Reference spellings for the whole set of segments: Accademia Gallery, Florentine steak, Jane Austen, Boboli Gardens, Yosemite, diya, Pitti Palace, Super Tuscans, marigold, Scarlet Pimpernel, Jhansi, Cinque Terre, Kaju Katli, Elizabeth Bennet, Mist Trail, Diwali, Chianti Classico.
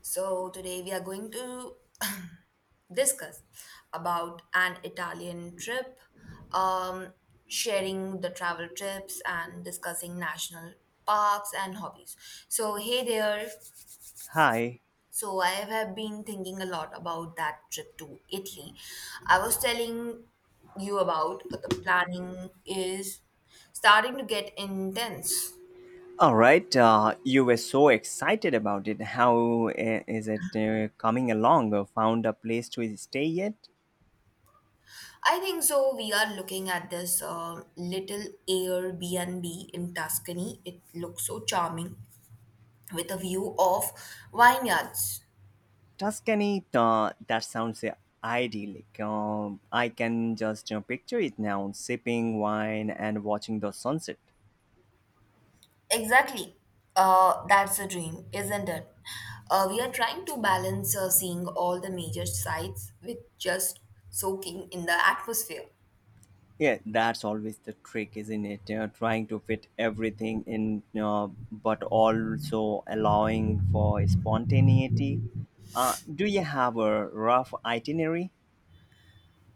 So today we are going to discuss about an Italian trip, um, sharing the travel trips and discussing national parks and hobbies. So hey there. Hi. So I have been thinking a lot about that trip to Italy. I was telling you about the planning is starting to get intense. All right. You were so excited about it. How is it coming along? Found a place to stay yet? I think so. We are looking at this little Airbnb in Tuscany. It looks so charming with a view of vineyards. Tuscany. That sounds idyllic. I can just picture it now, sipping wine and watching the sunset. Exactly. That's the dream, isn't it? We are trying to balance seeing all the major sites with just soaking in the atmosphere. Yeah, that's always the trick, isn't it? Trying to fit everything in, but also allowing for spontaneity. Do you have a rough itinerary?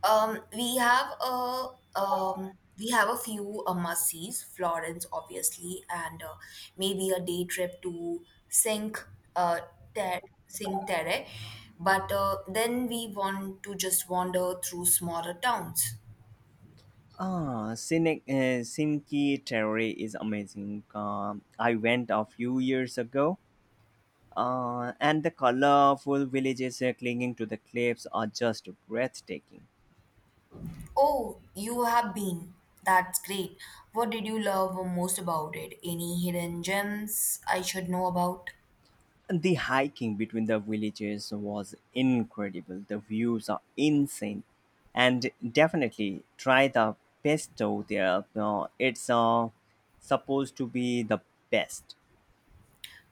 Um, we have a we have a few must-sees, Florence, obviously, and maybe a day trip to Sink uh, Ter- Cinque Terre. But then we want to just wander through smaller towns. Ah, Cinque Terre is amazing. I went a few years ago, and the colorful villages clinging to the cliffs are just breathtaking. Oh, you have been. That's great. What did you love most about it? Any hidden gems I should know about? And the hiking between the villages was incredible. The views are insane, and definitely try the pesto there. It's supposed to be the best.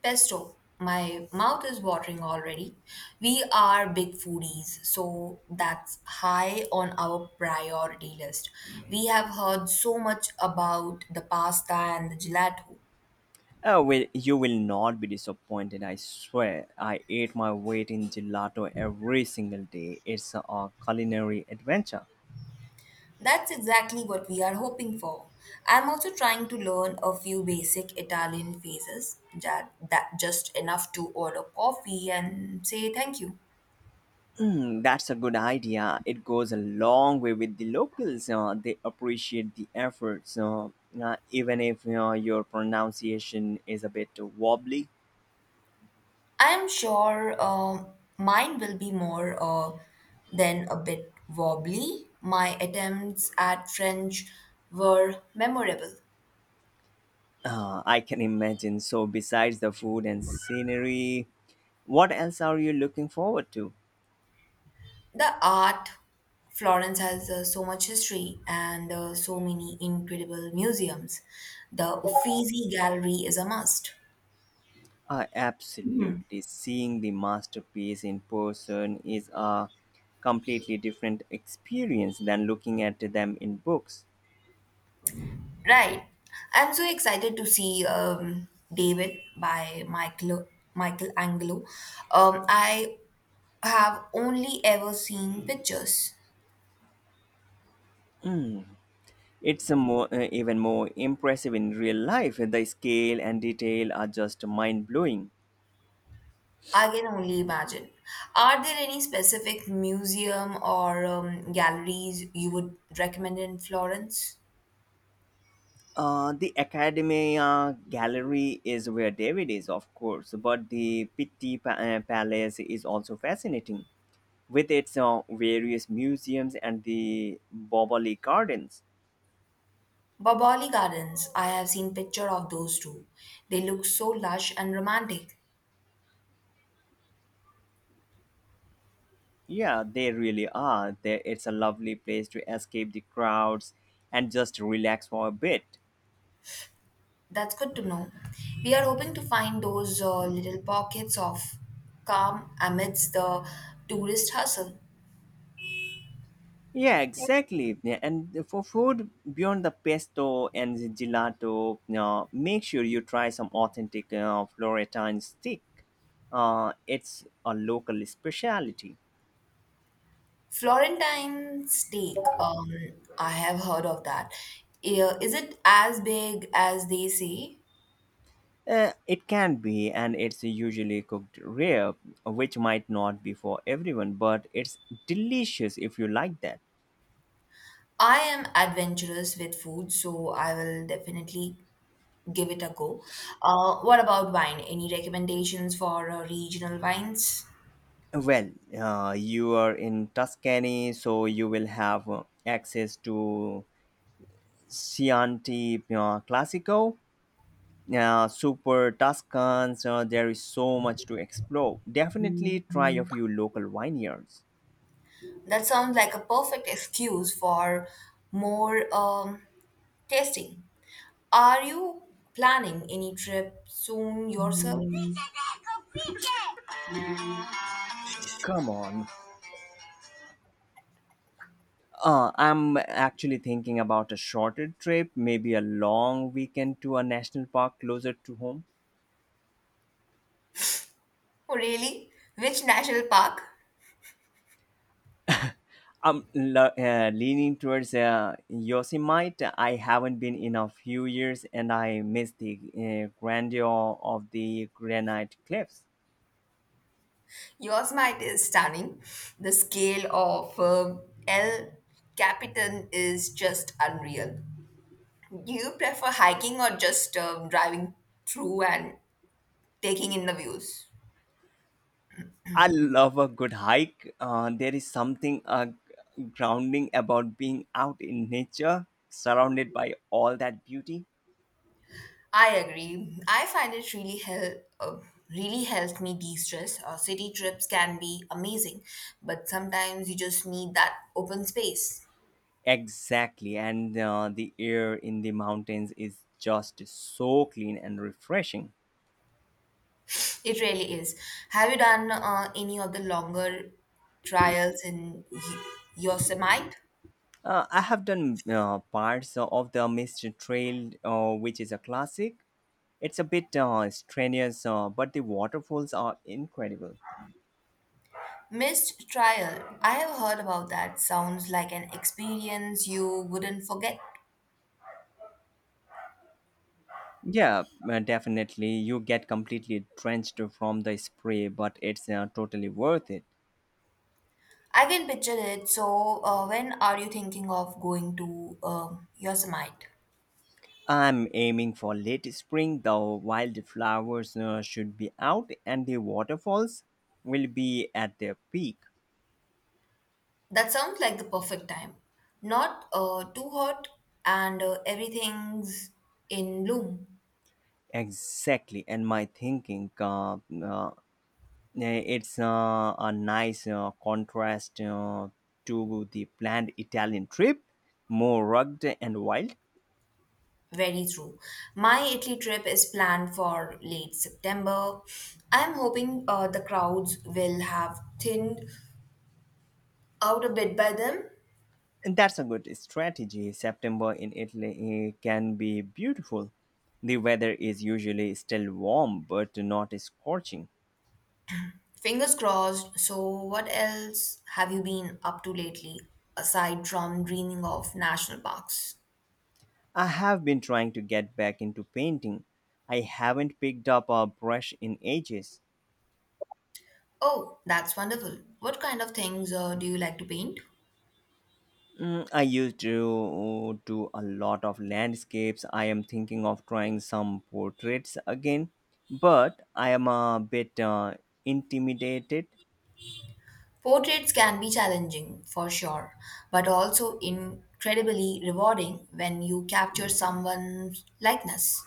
Pesto, my mouth is watering already. We are big foodies, so that's high on our priority list. We have heard so much about the pasta and the gelato. Oh, well, you will not be disappointed, I swear. I ate my weight in gelato every single day. It's a culinary adventure. That's exactly what we are hoping for. I'm also trying to learn a few basic Italian phrases, that just enough to order coffee and say thank you. Hmm, that's a good idea. It goes a long way with the locals. They appreciate the efforts, even if your pronunciation is a bit wobbly. I'm sure mine will be more than a bit wobbly. My attempts at French were memorable. I can imagine. So, besides the food and scenery, what else are you looking forward to? The art, Florence has so much history and so many incredible museums. The Uffizi Gallery is a must. Hmm. Absolutely. Seeing the masterpiece in person is a completely different experience than looking at them in books. Right. I'm so excited to see David by Michael Angelo. I have only ever seen pictures. It's a more, even more impressive in real life. The scale and detail are just mind blowing. I can only imagine. Are there any specific museum or galleries you would recommend in Florence? The Academia Gallery is where David is, of course, but the Pitti Palace is also fascinating with its various museums and the Boboli Gardens. Boboli Gardens. I have seen picture of those too. They look so lush and romantic. Yeah, they really are. It's a lovely place to escape the crowds and just relax for a bit. That's good to know. We are hoping to find those little pockets of calm amidst the tourist hustle. Yeah, exactly. Yeah, and for food beyond the pesto and the gelato, make sure you try some authentic Florentine stick. It's a local speciality. Florentine steak. I have heard of that. Is it as big as they say? It can be, and it's usually cooked rare, which might not be for everyone, but it's delicious if you like that. I am adventurous with food, so I will definitely give it a go. What about wine? Any recommendations for regional wines? Well, you are in Tuscany, so you will have access to Chianti Classico, Super Tuscans. There is so much to explore. Definitely try a few local vineyards. That sounds like a perfect excuse for more tasting. Are you planning any trip soon yourself? Come on. I'm actually thinking about a shorter trip, maybe a long weekend to a national park closer to home. Oh, really? Which national park? I'm leaning towards Yosemite. I haven't been in a few years, and I miss the grandeur of the granite cliffs. Yosemite is stunning. The scale of El Capitan is just unreal. Do you prefer hiking or just driving through and taking in the views? I love a good hike. There is something grounding about being out in nature, surrounded by all that beauty. I agree. I find it uh, really helps me de-stress. City trips can be amazing, but sometimes you just need that open space. Exactly, and the air in the mountains is just so clean and refreshing. It really is. Have you done any of the longer trials in Yosemite? I have done parts of the Mist Trail, which is a classic. It's a bit strenuous, but the waterfalls are incredible. Missed trial. I have heard about that. Sounds like an experience you wouldn't forget. Yeah, definitely. You get completely drenched from the spray, but it's totally worth it. I can picture it. So, when are you thinking of going to Yosemite? I'm aiming for late spring. The wildflowers should be out, and the waterfalls will be at their peak. That sounds like the perfect time. Not too hot and everything's in bloom. Exactly, and my thinking uh, it's a nice contrast to the planned Italian trip, more rugged and wild. Very true. My Italy trip is planned for late September. I'm hoping the crowds will have thinned out a bit by then. And that's a good strategy. September in Italy can be beautiful. The weather is usually still warm but not scorching. Fingers crossed. So, what else have you been up to lately aside from dreaming of national parks? I have been trying to get back into painting. I haven't picked up a brush in ages. Oh, that's wonderful. What kind of things do you like to paint? I used to do a lot of landscapes. I am thinking of trying some portraits again, but I am a bit intimidated. Portraits can be challenging, for sure, but also incredibly rewarding when you capture someone's likeness.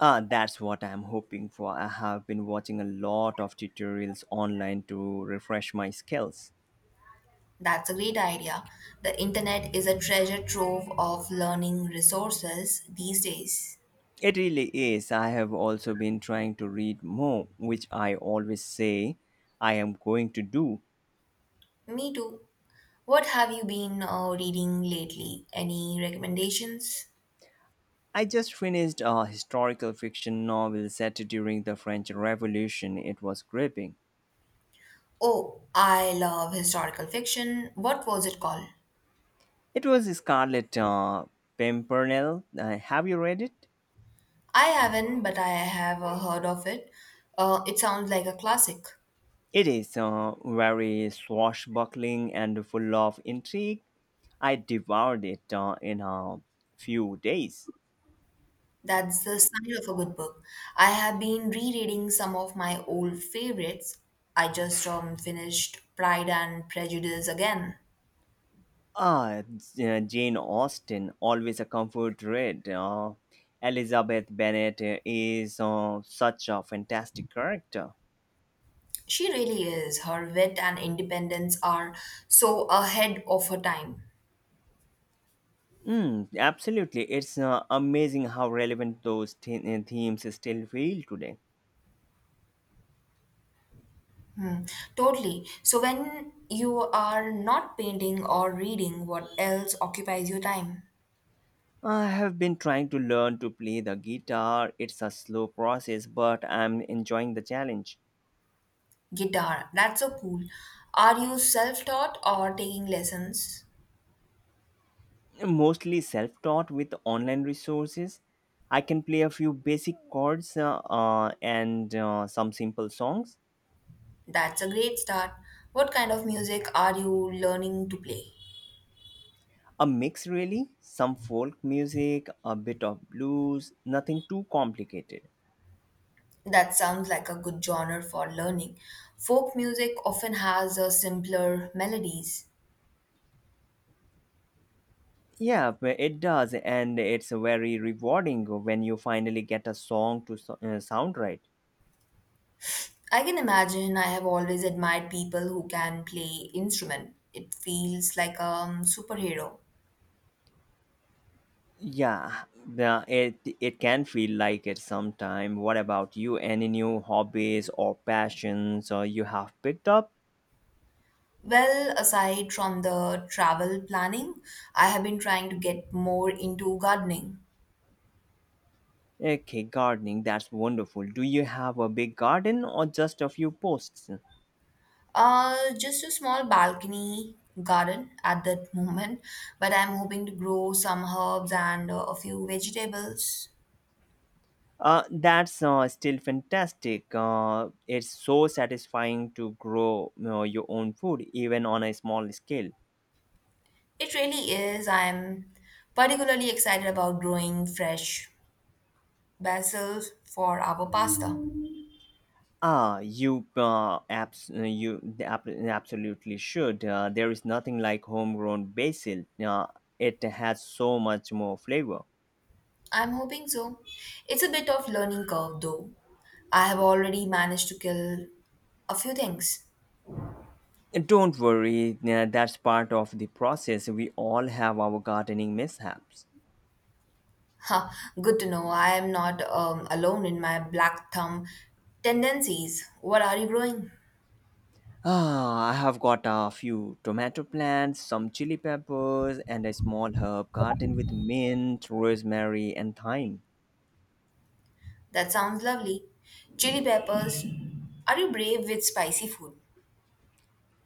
Ah, that's what I'm hoping for. I have been watching a lot of tutorials online to refresh my skills. That's a great idea. The internet is a treasure trove of learning resources these days. It really is. I have also been trying to read more, which I always say I am going to do, Me too. What have you been reading lately? Any recommendations? I just finished a historical fiction novel set during the French Revolution. It was gripping. Oh, I love historical fiction. What was it called? It was Scarlet Pimpernel. Have you read it? I haven't, but I have heard of it. It sounds like a classic. It is very swashbuckling and full of intrigue. I devoured it in a few days. That's the sign of a good book. I have been rereading some of my old favorites. I just finished Pride and Prejudice again. Ah, Jane Austen, always a comfort read. Elizabeth Bennet is such a fantastic character. She really is. Her wit and independence are so ahead of her time. Mm, absolutely. It's amazing how relevant those themes still feel today. Totally. So, when you are not painting or reading, what else occupies your time? I have been trying to learn to play the guitar. It's a slow process, but I'm enjoying the challenge. Guitar, that's so cool. Are you self taught or taking lessons? Mostly self taught with online resources. I can play a few basic chords and some simple songs. That's a great start. What kind of music are you learning to play? A mix, really. Some folk music, a bit of blues, nothing too complicated. That sounds like a good genre for learning. Folk music often has a simpler melodies. Yeah, but it does, and it's very rewarding when you finally get a song to sound right. I can imagine I have always admired people who can play instrument. It feels like a superhero. Yeah, it can feel like it sometime. What about you? Any new hobbies or passions or you have picked up? Well, aside from the travel planning, I have been trying to get more into gardening. Okay, gardening, that's wonderful. Do you have a big garden or just a few posts? Just a small balcony garden at that moment, but I'm hoping to grow some herbs and a few vegetables. That's still fantastic. It's so satisfying to grow your own food, even on a small scale. It really is. I'm particularly excited about growing fresh basil for our pasta. Ah, you absolutely should. There is nothing like homegrown basil. It has so much more flavor. I'm hoping so. It's a bit of learning curve though. I have already managed to kill a few things. And don't worry, that's part of the process. We all have our gardening mishaps. Ha, good to know. I am not alone in my black thumb tendencies. What are you growing? Ah, I have got a few tomato plants, some chili peppers, and a small herb garden with mint, rosemary, and thyme. That sounds lovely. Chili peppers. Are you brave with spicy food?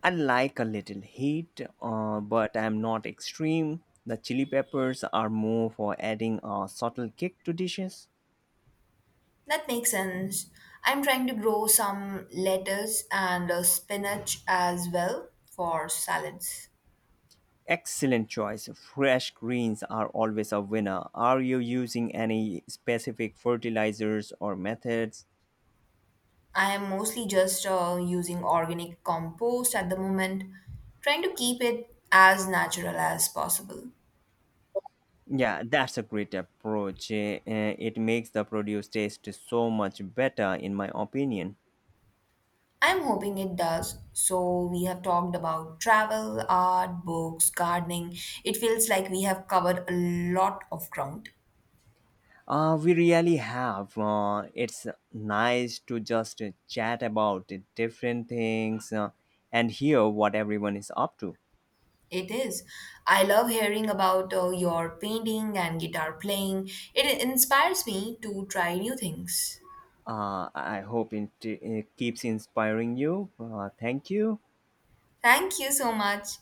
I like a little heat, but I'm not extreme. The chili peppers are more for adding a subtle kick to dishes. That makes sense. I'm trying to grow some lettuce and spinach as well for salads. Excellent choice. Fresh greens are always a winner. Are you using any specific fertilizers or methods? I am mostly just using organic compost at the moment, trying to keep it as natural as possible. Yeah, that's a great approach. It makes the produce taste so much better, in my opinion. I'm hoping it does. So, we have talked about travel, art, books, gardening. It feels like we have covered a lot of ground. We really have. It's nice to just chat about the different things and hear what everyone is up to. It is. I love hearing about your painting and guitar playing. It inspires me to try new things. I hope it keeps inspiring you. Thank you. Thank you so much.